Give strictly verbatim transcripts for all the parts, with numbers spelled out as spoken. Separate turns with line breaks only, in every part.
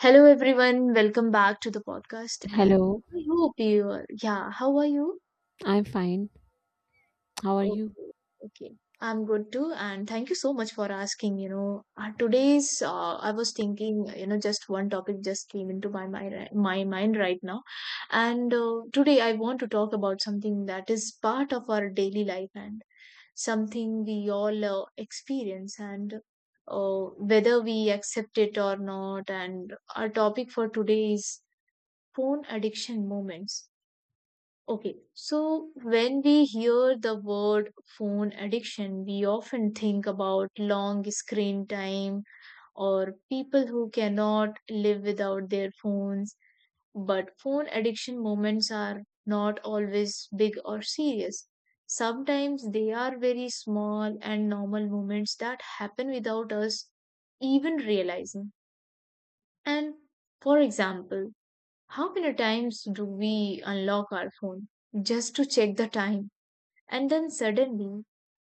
Hello everyone, welcome back to the podcast, and
Hello,
I hope you are. Yeah, how are you?
I'm fine. How are
Okay,
you?
okay. I'm good too, and thank you so much for asking, you know. Uh, today's uh, I was thinking, you know, just one topic just came into my mind ri- my mind right now. And uh, today I want to talk about something that is part of our daily life, and something we all uh, experience, and uh, whether we accept it or not. And our topic for today is phone addiction moments. Okay, so when we hear the word phone addiction, we often think about long screen time or people who cannot live without their phones. But phone addiction moments are not always big or serious. Sometimes they are very small and normal moments that happen without us even realizing. And for example, how many times do we unlock our phone just to check the time? And then suddenly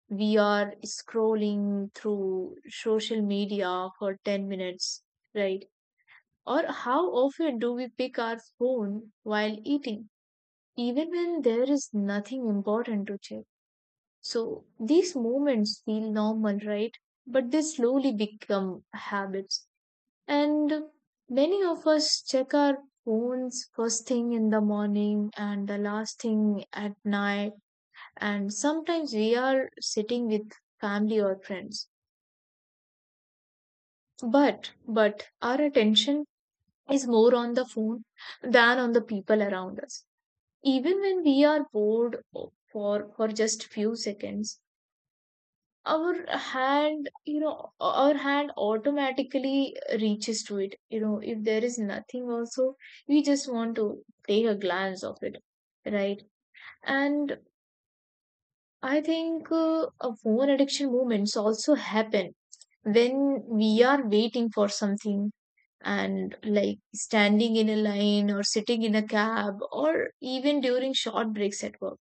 we are scrolling through social media for ten minutes, right? Or how often do we pick our phone while eating, even when there is nothing important to check? So these moments feel normal, right? But they slowly become habits, and many of us check our phones first thing in the morning and the last thing at night. And sometimes we are sitting with family or friends. But, but our attention is more on the phone than on the people around us. Even when we are bored for, for just few seconds, our hand you know our hand automatically reaches to it. You know, if there is nothing also, we just want to take a glance of it, right? And I think uh, uh, phone addiction movements also happen when we are waiting for something, and like standing in a line or sitting in a cab or even during short breaks at work.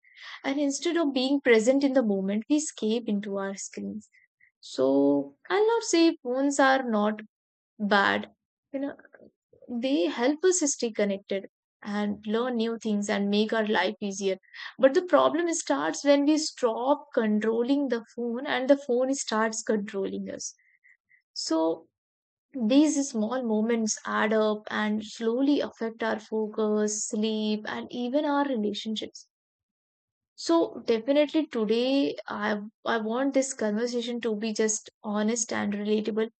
And instead of being present in the moment, we escape into our screens. So I'll not say phones are not bad. You know, they help us stay connected and learn new things and make our life easier. But the problem starts when we stop controlling the phone and the phone starts controlling us. So these small moments add up and slowly affect our focus, sleep, and even our relationships. So definitely, today I I want this conversation to be just honest and relatable,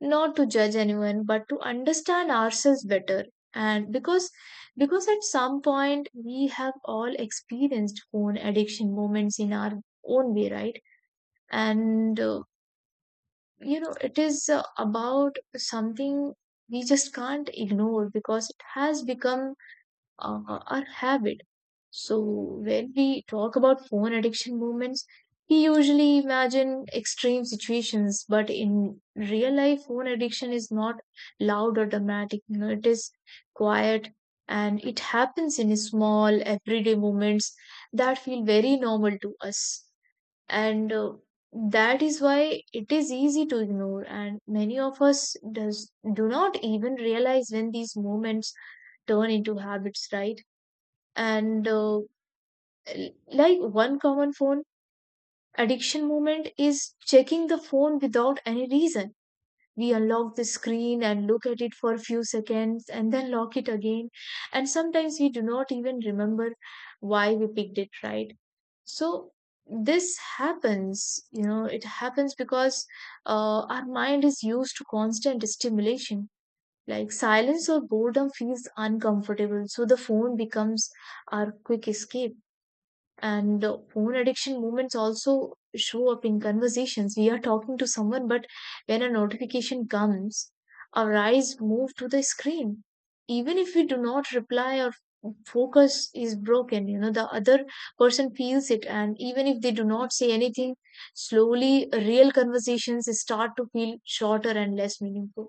not to judge anyone but to understand ourselves better. And because because at some point we have all experienced phone addiction moments in our own way, right? And uh, you know, it is uh, about something we just can't ignore because it has become, uh, or habit. So when we talk about phone addiction movements, we usually imagine extreme situations, but in real life, phone addiction is not loud or dramatic. You know, it is quiet, and it happens in small everyday moments that feel very normal to us. And uh, that is why it is easy to ignore, and many of us does do not even realize when these moments turn into habits, right? And uh, l- like one common phone addiction moment is checking the phone without any reason. We unlock the screen and look at it for a few seconds and then lock it again. And sometimes we do not even remember why we picked it, right? So this happens you know It happens because uh, our mind is used to constant stimulation. Like, silence or boredom feels uncomfortable, so the phone becomes our quick escape. And uh, phone addiction moments also show up in conversations. We are talking to someone, but when a notification comes, our eyes move to the screen. Even if we do not reply, our focus is broken you know The other person feels it, and even if they do not say anything, slowly real conversations start to feel shorter and less meaningful.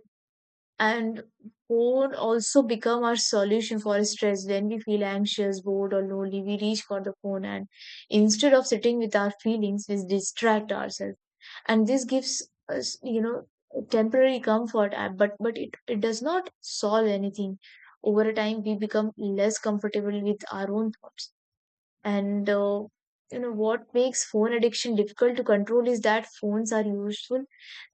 And board also become our solution for stress. When we feel anxious, bored, or lonely, we reach for the phone, and instead of sitting with our feelings, we distract ourselves. And this gives us, you know, temporary comfort, uh, but but it, it does not solve anything. Over a time, we become less comfortable with our own thoughts. And uh, you know what makes phone addiction difficult to control is that phones are useful,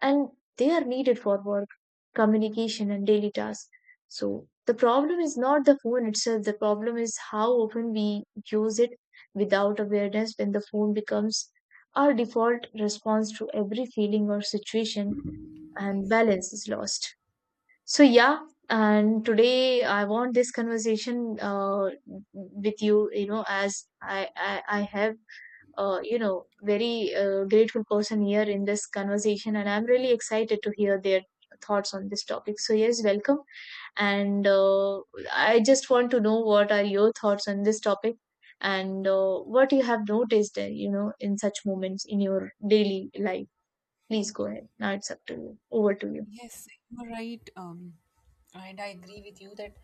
and they are needed for work, communication, and daily tasks. So the problem is not the phone itself. The problem is how often we use it without awareness, when the phone becomes our default response to every feeling or situation, and balance is lost. So yeah, and today I want this conversation uh, with you. You know, as I I, I have uh, you know very uh, grateful person here in this conversation, and I'm really excited to hear their thoughts on this topic. So yes, welcome, and uh, I just want to know what are your thoughts on this topic, and uh, what you have noticed, uh, you know, in such moments in your daily life. Please go ahead. Now it's up to you. Over to you.
Yes, you're right. Um, and I agree with you that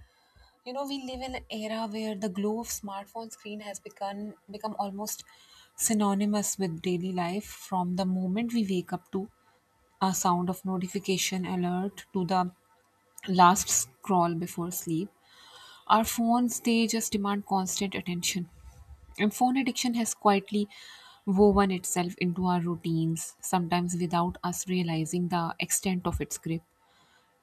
you know we live in an era where the glow of smartphone screen has become become almost synonymous with daily life. From the moment we wake up to a sound of notification alert to the last scroll before sleep, our phones, they just demand constant attention. And phone addiction has quietly woven itself into our routines, sometimes without us realizing the extent of its grip.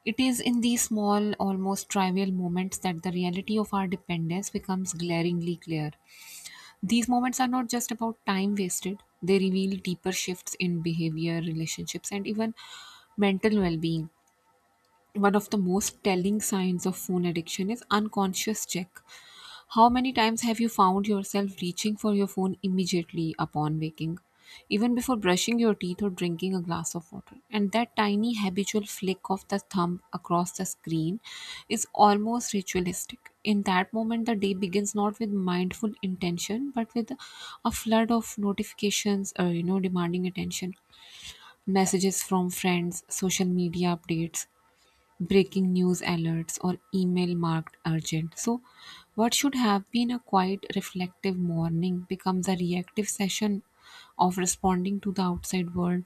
It is in these small, almost trivial moments that the reality of our dependence becomes glaringly clear. These moments are not just about time wasted, they reveal deeper shifts in behavior, relationships, and even mental well being. One of the most telling signs of phone addiction is unconscious check. How many times have you found yourself reaching for your phone immediately upon waking, even before brushing your teeth or drinking a glass of water? And that tiny habitual flick of the thumb across the screen is almost ritualistic. In that moment, the day begins not with mindful intention, but with a flood of notifications, uh, you know, demanding attention, messages from friends, social media updates, breaking news alerts or email marked urgent. So, what should have been a quiet, reflective morning becomes a reactive session of responding to the outside world.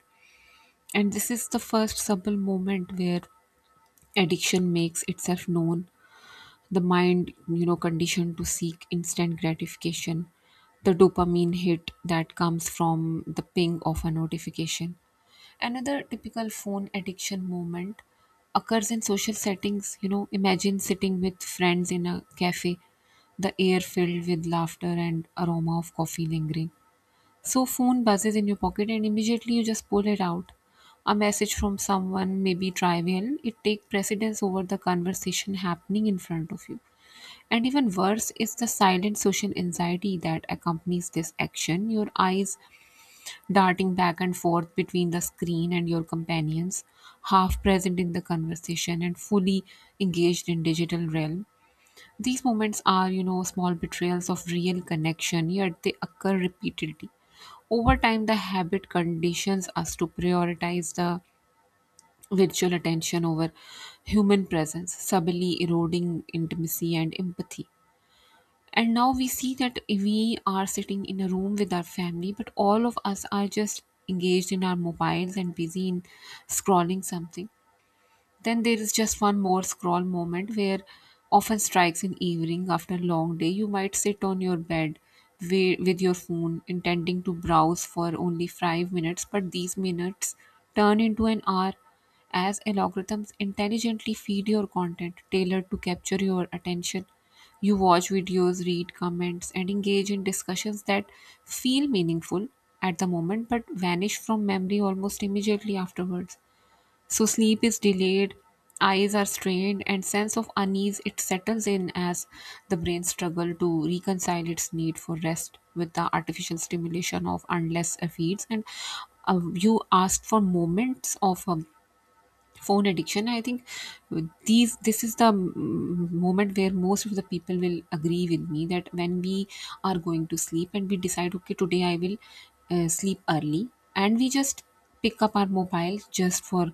And this is the first subtle moment where addiction makes itself known. The mind, you know, conditioned to seek instant gratification, the dopamine hit that comes from the ping of a notification. Another typical phone addiction moment occurs in social settings. You know, imagine sitting with friends in a cafe, the air filled with laughter and aroma of coffee lingering. So phone buzzes in your pocket and immediately you just pull it out. A message from someone maybe trivial, it take precedence over the conversation happening in front of you. And even worse is the silent social anxiety that accompanies this action. Your eyes darting back and forth between the screen and your companions, half present in the conversation and fully engaged in digital realm. These moments are, you know, small betrayals of real connection, yet they occur repeatedly. Over time, the habit conditions us to prioritize the virtual attention over human presence, subtly eroding intimacy and empathy. And now we see that we are sitting in a room with our family, but all of us are just engaged in our mobiles and busy in scrolling something. Then there is just one more scroll moment where often strikes in evening after a long day. You might sit on your bed wi- with your phone, intending to browse for only five minutes, but these minutes turn into an hour as algorithms intelligently feed your content tailored to capture your attention. You watch videos, read comments, and engage in discussions that feel meaningful at the moment but vanish from memory almost immediately afterwards. So sleep is delayed, eyes are strained, and sense of unease it settles in as the brain struggle to reconcile its need for rest with the artificial stimulation of endless feeds. And uh, you asked for moments of um, phone addiction. I think these this is the mm, moment where most of the people will agree with me that when we are going to sleep and we decide, okay, today I will uh, sleep early, and we just pick up our mobile just for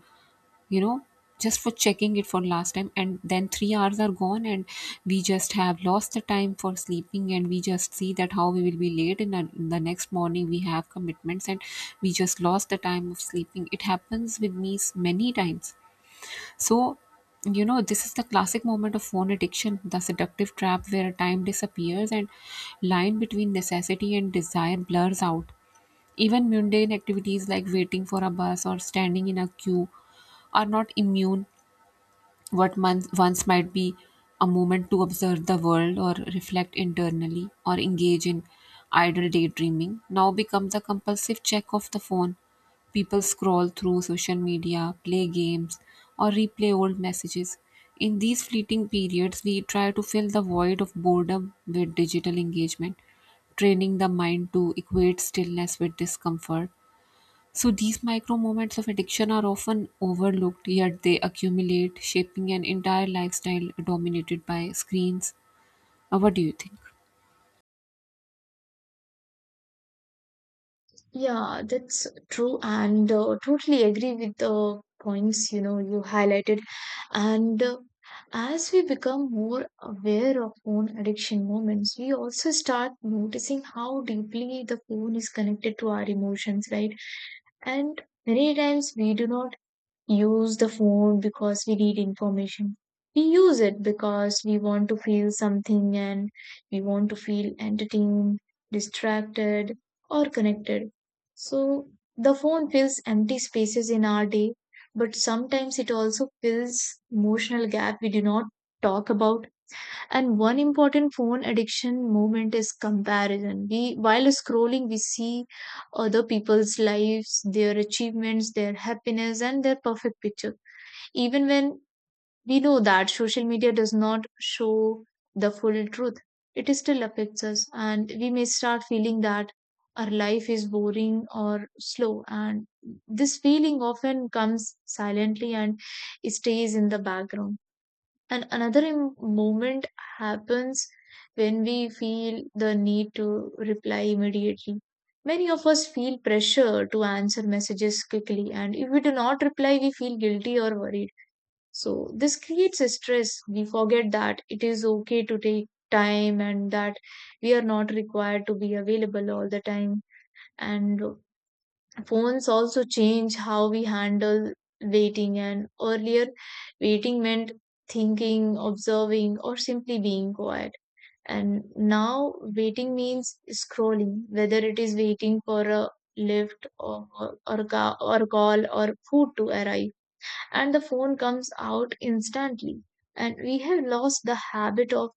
you know just for checking it for last time, and then three hours are gone, and we just have lost the time for sleeping, and we just see that how we will be late in, the- in the next morning we have commitments, and we just lost the time of sleeping. It happens with me s- many times. So you know this is the classic moment of phone addiction, the seductive trap where time disappears and line between necessity and desire blurs out. Even mundane activities like waiting for a bus or standing in a queue are not immune. What month, once might be a moment to observe the world or reflect internally or engage in idle daydreaming, now becomes a compulsive check of the phone. People scroll through social media, play games, or replay old messages. In these fleeting periods, we try to fill the void of boredom with digital engagement, training the mind to equate stillness with discomfort. So these micro moments of addiction are often overlooked, yet they accumulate, shaping an entire lifestyle dominated by screens. Uh, what do you think?
Yeah, that's true, and uh, totally agree with the points you know you highlighted. And uh, as we become more aware of phone addiction moments, we also start noticing how deeply the phone is connected to our emotions, right? And many times we do not use the phone because we need information. We use it because we want to feel something, and we want to feel entertained, distracted, or connected. So the phone fills empty spaces in our day, but sometimes it also fills emotional gap we do not talk about. And one important phone addiction moment is comparison. We, while scrolling, we see other people's lives, their achievements, their happiness, and their perfect picture. Even when we know that social media does not show the full truth, it still affects us, and we may start feeling that our life is boring or slow. And this feeling often comes silently and stays in the background. And another im- moment happens when we feel the need to reply immediately. Many of us feel pressure to answer messages quickly, and if we do not reply, we feel guilty or worried. So, this creates a stress. We forget that it is okay to take time, and that we are not required to be available all the time. And phones also change how we handle waiting, and earlier, waiting meant thinking, observing, or simply being quiet. And now, waiting means scrolling, whether it is waiting for a lift or, or, a ca- or a call or food to arrive, and the phone comes out instantly. And we have lost the habit of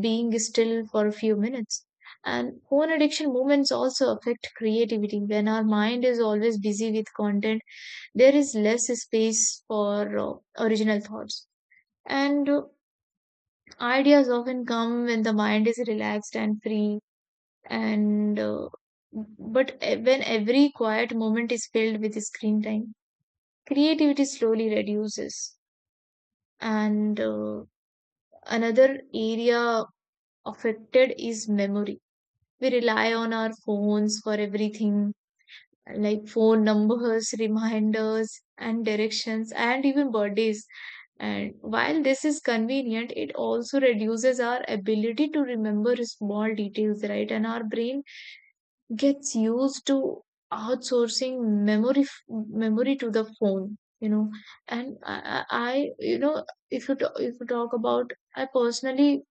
being still for a few minutes. And phone addiction moments also affect creativity. When our mind is always busy with content, there is less space for uh, original thoughts. And uh, ideas often come when the mind is relaxed and free. And uh, but e- when every quiet moment is filled with screen time, creativity slowly reduces. And uh, another area affected is memory. We rely on our phones for everything, like phone numbers, reminders, and directions, and even birthdays. And while this is convenient, it also reduces our ability to remember small details, right? And our brain gets used to outsourcing memory f- memory to the phone you know And i, I I, you know if you ta- if you talk about I personally,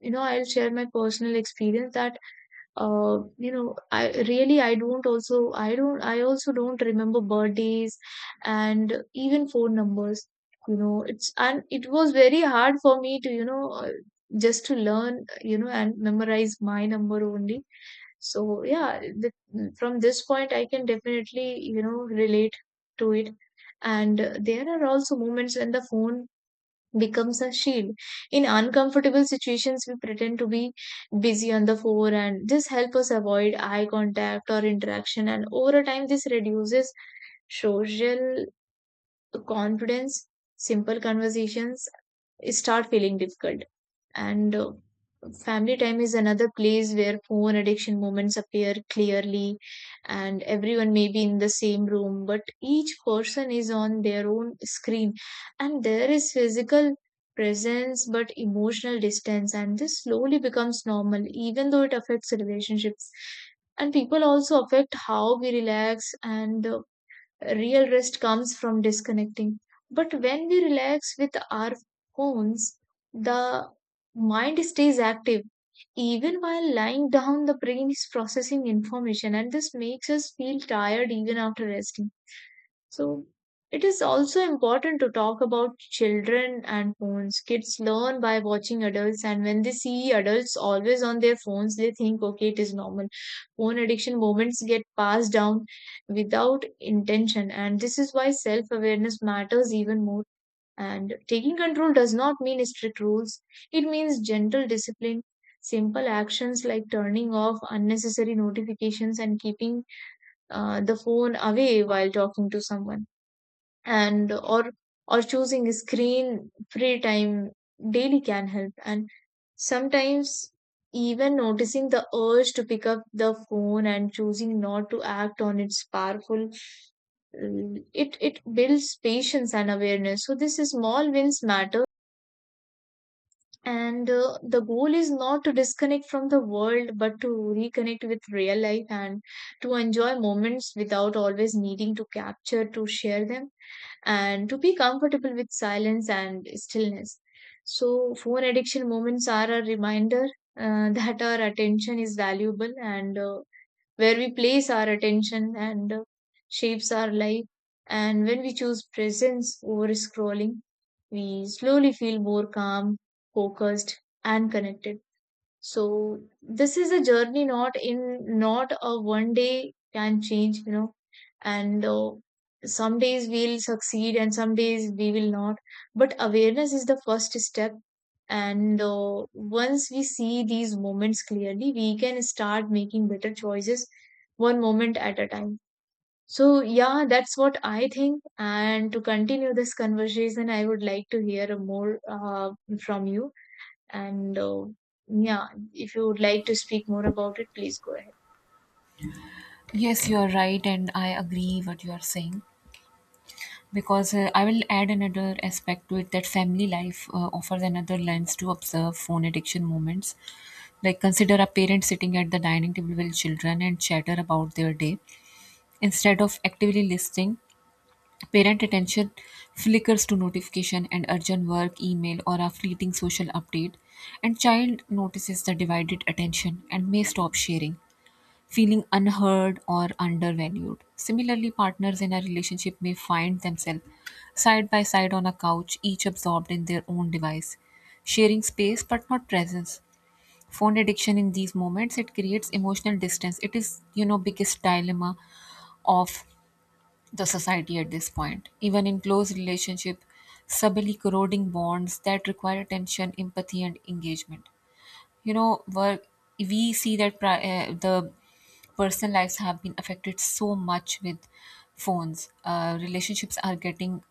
you know I'll share my personal experience that uh, you know i really I don't, also I don't, I also don't remember birthdays and even phone numbers. you know it's and it was very hard for me to, you know uh, just to learn, you know and memorize my number only. So yeah, the, from this point, I can definitely, you know, relate to it. And uh, there are also moments when the phone becomes a shield. In uncomfortable situations, we pretend to be busy on the phone, and this helps us avoid eye contact or interaction. And over time, this reduces social confidence. Simple conversations start feeling difficult. And uh, family time is another place where phone addiction moments appear clearly. And everyone may be in the same room, but each person is on their own screen. And there is physical presence but emotional distance. And this slowly becomes normal, even though it affects relationships. And people also affect how we relax. And uh, real rest comes from disconnecting. But when we relax with our phones, the mind stays active. Even while lying down, the brain is processing information, and this makes us feel tired even after resting. So it is also important to talk about children and phones. Kids learn by watching adults, and when they see adults always on their phones, they think, okay, it is normal. Phone addiction moments get passed down without intention, and this is why self awareness matters even more. And taking control does not mean strict rules, it means gentle discipline. Simple actions like turning off unnecessary notifications and keeping uh, the phone away while talking to someone and or or choosing screen free time daily can help, and sometimes even noticing the urge to pick up the phone and choosing not to act on its powerful. Mm, it it builds patience and awareness, so these small wins matter. And uh, the goal is not to disconnect from the world but to reconnect with real life, and to enjoy moments without always needing to capture to share them, and to be comfortable with silence and stillness. So, phone addiction moments are a reminder, uh, that our attention is valuable, and uh, where we place our attention and uh, shapes our life. And when we choose presence over scrolling, we slowly feel more calm, focused, and connected. So this is a journey, not in not a one day can change, you know, and uh, some days we'll succeed and some days we will not. But awareness is the first step. And uh, once we see these moments clearly, we can start making better choices one moment at a time. So, yeah, that's what I think. And to continue this conversation, I would like to hear more uh, from you. And uh, yeah, if you would like to speak more about it, please go ahead.
Yes, you are right, and I agree what you are saying. Because uh, I will add another aspect to it that family life uh, offers another lens to observe phone addiction moments. Like consider a parent sitting at the dining table with children and chatter about their day, instead of actively listening. Parent attention flickers to notification and urgent work, email, or a fleeting social update, and child notices the divided attention and may stop sharing, feeling unheard or undervalued. Similarly, partners in a relationship may find themselves side by side on a couch, each absorbed in their own device, sharing space but not presence. Phone addiction in these moments it creates emotional distance. It is you know biggest dilemma of the society at this point. Even in close relationship, subtly corroding bonds that require attention, empathy, and engagement. You know, work, we see that pri- uh, the personal lives have been affected so much with phones. Uh, relationships are getting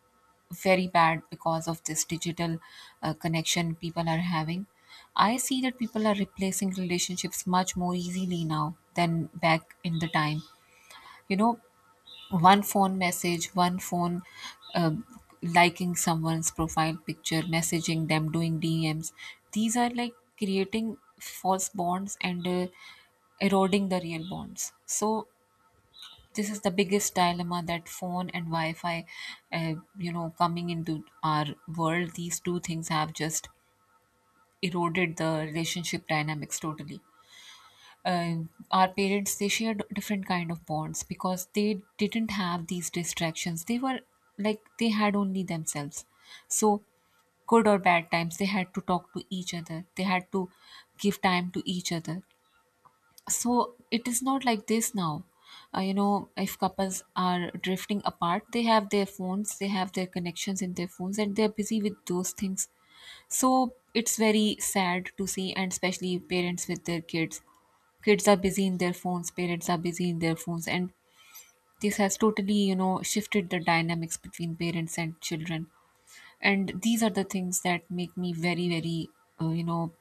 very bad because of this digital uh, connection people are having. I see that people are replacing relationships much more easily now than back in the time. You know, one phone message, one phone um liking someone's profile picture, messaging them, doing D Ms. These are like creating false bonds and uh, eroding the real bonds. So this is the biggest dilemma that phone and Wi-Fi, uh, you know, coming into our world. These two things have just eroded the relationship dynamics totally. uh, our parents, they shared different kind of bonds because they didn't have these distractions. They were like they had only themselves. So good or bad times, they had to talk to each other, they had to give time to each other. So it is not like this now. uh, you know if couples are drifting apart, they have their phones, they have their connections in their phones and they're busy with those things. So it's very sad to see, and especially parents with their kids, kids are busy in their phones, parents are busy in their phones, and this has totally you know shifted the dynamics between parents and children. And these are the things that make me very very uh, you know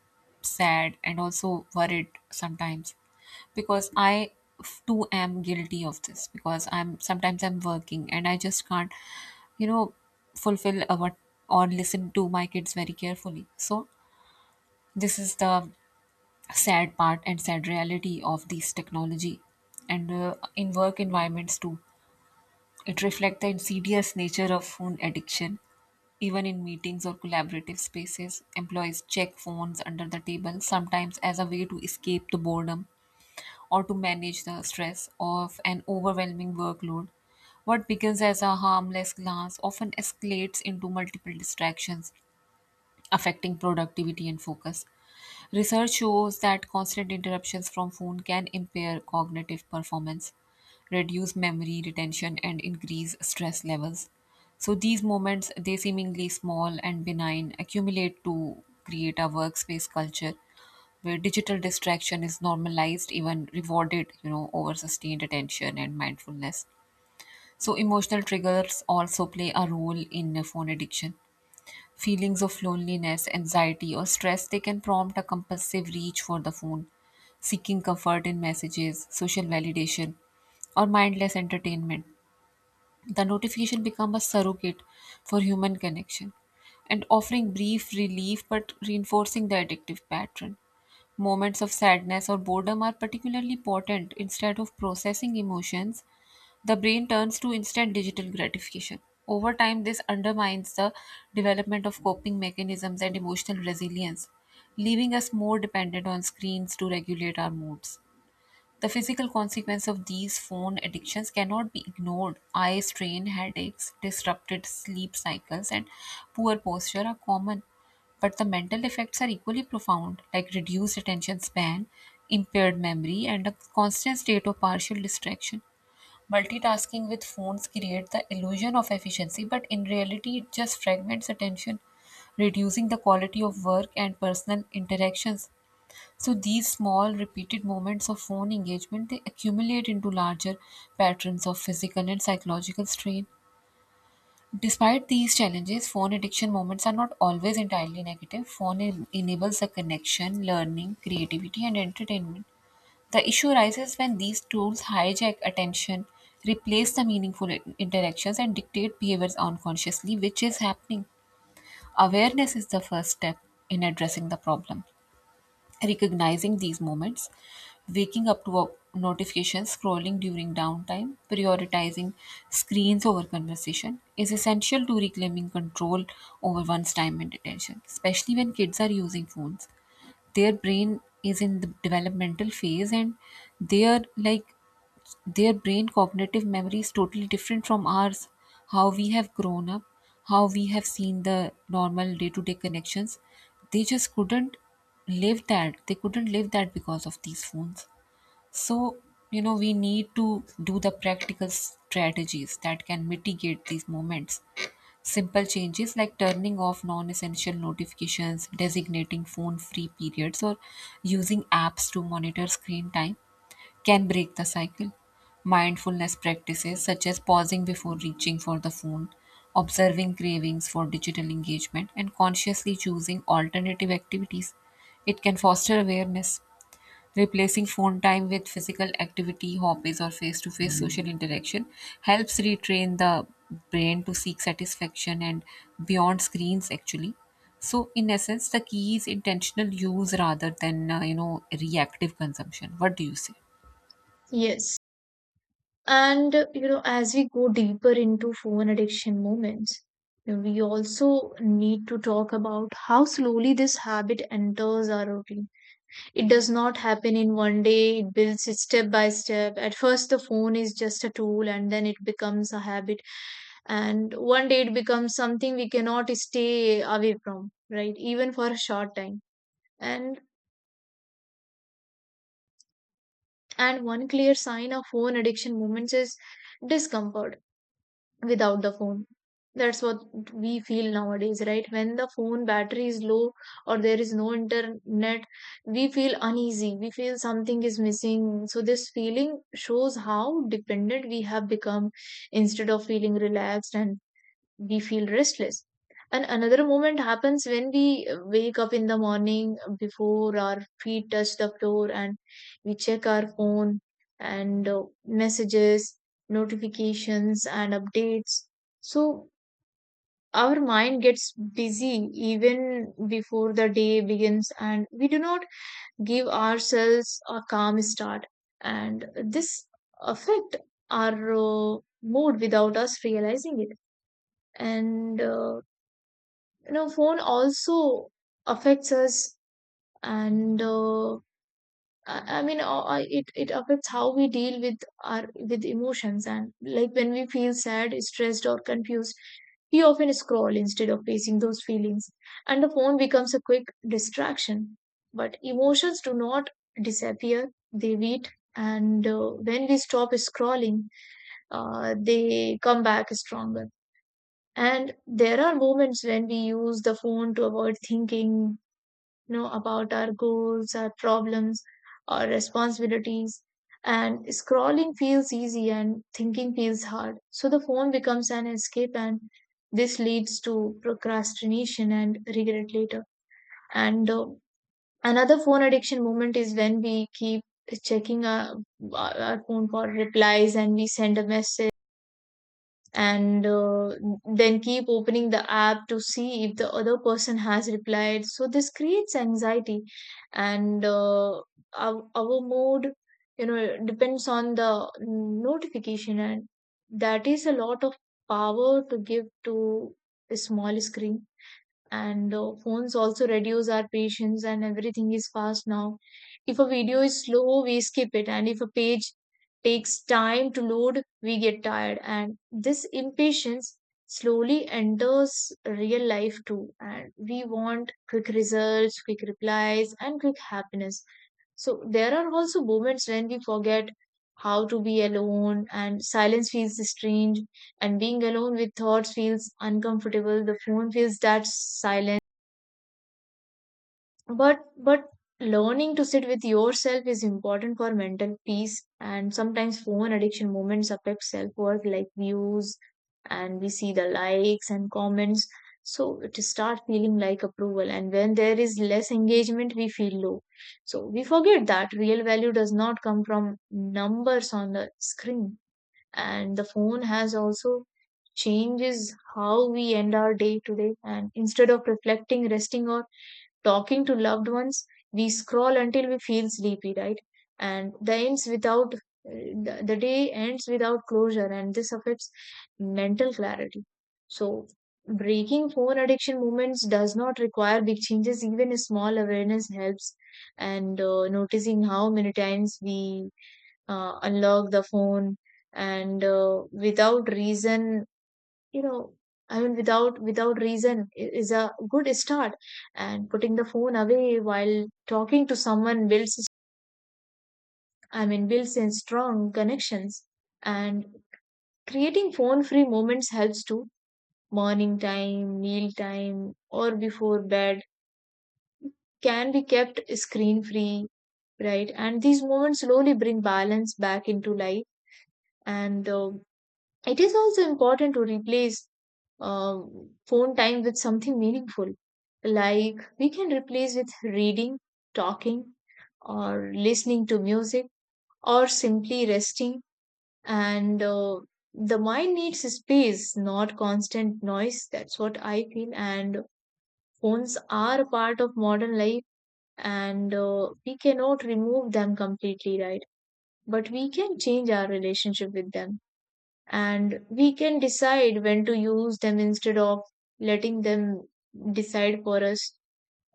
sad and also worried sometimes, because I f- too am guilty of this, because I'm sometimes I'm working and I just can't you know fulfill uh, what or listen to my kids very carefully. So this is the sad part and sad reality of this technology. And uh, in work environments too, it reflects the insidious nature of phone addiction. Even in meetings or collaborative spaces, employees check phones under the table, sometimes as a way to escape the boredom or to manage the stress of an overwhelming workload. What begins as a harmless glance often escalates into multiple distractions, affecting productivity and focus. Research shows that constant interruptions from phone can impair cognitive performance, reduce memory retention, and increase stress levels. So these moments, they seemingly small and benign, accumulate to create a workspace culture where digital distraction is normalized, even rewarded, you know, over sustained attention and mindfulness. So emotional triggers also play a role in phone addiction. Feelings of loneliness, anxiety, or stress, they can prompt a compulsive reach for the phone, seeking comfort in messages, social validation, or mindless entertainment. The notification become a surrogate for human connection and offering brief relief but reinforcing the addictive pattern. Moments of sadness or boredom are particularly potent. Instead of processing emotions, the brain turns to instant digital gratification. Over time, this undermines the development of coping mechanisms and emotional resilience, leaving us more dependent on screens to regulate our moods. The physical consequence of these phone addictions cannot be ignored. Eye strain, headaches, disrupted sleep cycles, and poor posture are common, but the mental effects are equally profound, like reduced attention span, impaired memory, and a constant state of partial distraction. Multitasking with phones creates the illusion of efficiency, but in reality, it just fragments attention, reducing the quality of work and personal interactions. So these small repeated moments of phone engagement, they accumulate into larger patterns of physical and psychological strain. Despite these challenges, phone addiction moments are not always entirely negative. Phone en- enables the connection, learning, creativity, and entertainment. The issue arises when these tools hijack attention, replace the meaningful in- interactions, and dictate behaviors unconsciously, which is happening. Awareness is the first step in addressing the problem. Recognizing these moments, waking up to a- notifications, scrolling during downtime, prioritizing screens over conversation is essential to reclaiming control over one's time and attention, especially when kids are using phones. Their brain is in the developmental phase, and they are like their brain cognitive memory is totally different from ours. How we have grown up, how we have seen the normal day to day connections, they just couldn't live that. They couldn't live that because of these phones. So you know we need to do the practical strategies that can mitigate these moments. Simple changes like turning off non essential notifications, designating phone free periods, or using apps to monitor screen time can break the cycle. Mindfulness practices such as pausing before reaching for the phone, observing cravings for digital engagement, and consciously choosing alternative activities. It can foster awareness. Replacing phone time with physical activity, hobbies, or face to face social interaction helps retrain the brain to seek satisfaction and beyond screens, actually. So, in essence, the key is intentional use rather than, uh, you know, reactive consumption. What do you say?
Yes. And, uh, you know, as we go deeper into phone addiction moments, you know, we also need to talk about how slowly this habit enters our routine. It does not happen in one day, it builds it step by step. At first, the phone is just a tool, and then it becomes a habit. And one day, it becomes something we cannot stay away from, right? Even for a short time. And And one clear sign of phone addiction moments is discomfort without the phone. That's what we feel nowadays, right? When the phone battery is low or there is no internet, we feel uneasy. We feel something is missing. So, this feeling shows how dependent we have become. Instead of feeling relaxed, and we feel restless, and another moment happens when we wake up in the morning, before our feet touch the floor, and we check our phone and uh, messages, notifications, and updates. So our mind gets busy even before the day begins, and we do not give ourselves a calm start, and this affect our uh, mood without us realizing it. And uh, you know phone also affects us, and uh, I I mean, uh, uh, it it affects how we deal with our with emotions. And like when we feel sad, stressed, or confused, we often scroll instead of facing those feelings, and the phone becomes a quick distraction. But emotions do not disappear; they wait, and uh, when we stop scrolling, uh, they come back stronger. And there are moments when we use the phone to avoid thinking, you know about our goals, our problems, our responsibilities, and scrolling feels easy and thinking feels hard, so the phone becomes an escape, and this leads to procrastination and regret later. And uh, another phone addiction moment is when we keep checking our, our phone for replies, and we send a message and uh, then keep opening the app to see if the other person has replied, so this creates anxiety, and uh, our, our mood you know depends on the notification, and that is a lot of power to give to a small screen. And uh, phones also reduce our patience, and everything is fast now. If a video is slow, we skip it, and if a page takes time to load, we get tired, and this impatience slowly enters real life too, and we want quick results, quick replies, and quick happiness. So there are also moments when we forget how to be alone, and silence feels strange and being alone with thoughts feels uncomfortable. The phone feels that silent. But but learning to sit with yourself is important for mental peace. And sometimes phone addiction moments affect self worth, like views, and we see the likes and comments. So it start feeling like approval, and when there is less engagement, we feel low. So we forget that real value does not come from numbers on the screen. And the phone has also changes how we end our day today, and instead of reflecting, resting, or talking to loved ones, we scroll until we feel sleepy, right? And the ends without uh, the, the day ends without closure, and this affects mental clarity. So breaking phone addiction movements does not require big changes. Even a small awareness helps. And uh, noticing how many times we uh, unlock the phone and uh, without reason, you know I mean, without without reason, i- is a good start. And putting the phone away while talking to someone builds, I mean, builds in strong connections. And creating phone free moments helps too. Morning time, meal time, or before bed can be kept screen free, right? And these moments slowly bring balance back into life. And uh, it is also important to replace um, phone time with something meaningful. Like we can replace with reading, talking, or listening to music, or simply resting. And uh, the mind needs space, not constant noise. That's what I feel. And phones are a part of modern life, and uh, we cannot remove them completely, right? But we can change our relationship with them, and we can decide when to use them instead of letting them decide for us.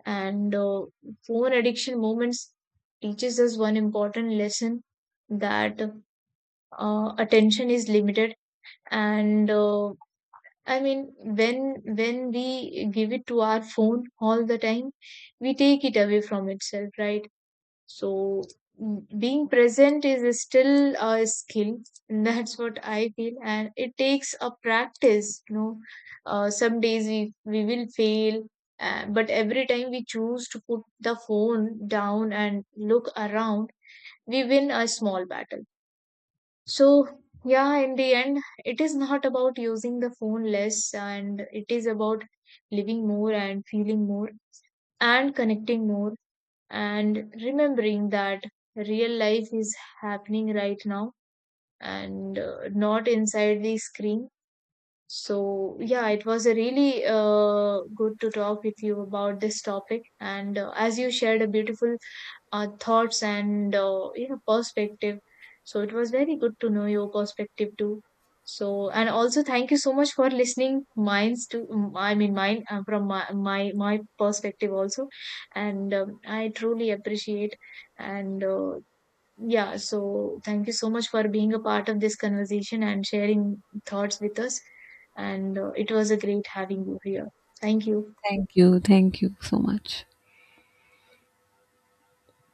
And uh, phone addiction moments teaches us one important lesson, that uh, attention is limited, and uh, I mean, when when we give it to our phone all the time, we take it away from itself, right? So, mm, being present is still a skill, and that's what I feel, and it takes a practice. You know, uh, some days we we will fail, uh, but every time we choose to put the phone down and look around, we win a small battle. So yeah, in the end, it is not about using the phone less, and it is about living more and feeling more and connecting more and remembering that real life is happening right now, and uh, not inside the screen. So, yeah, it was a really uh, good to talk with you about this topic. And uh, as you shared a beautiful uh, thoughts and uh, you know perspective, so it was very good to know your perspective too. So, and also thank you so much for listening mines to mm, I mean mine uh, from my my my perspective also, and um, I truly appreciate. And uh, yeah, so thank you so much for being a part of this conversation and sharing thoughts with us. And uh, it was a great having you here. Thank you.
Thank you. Thank you so much.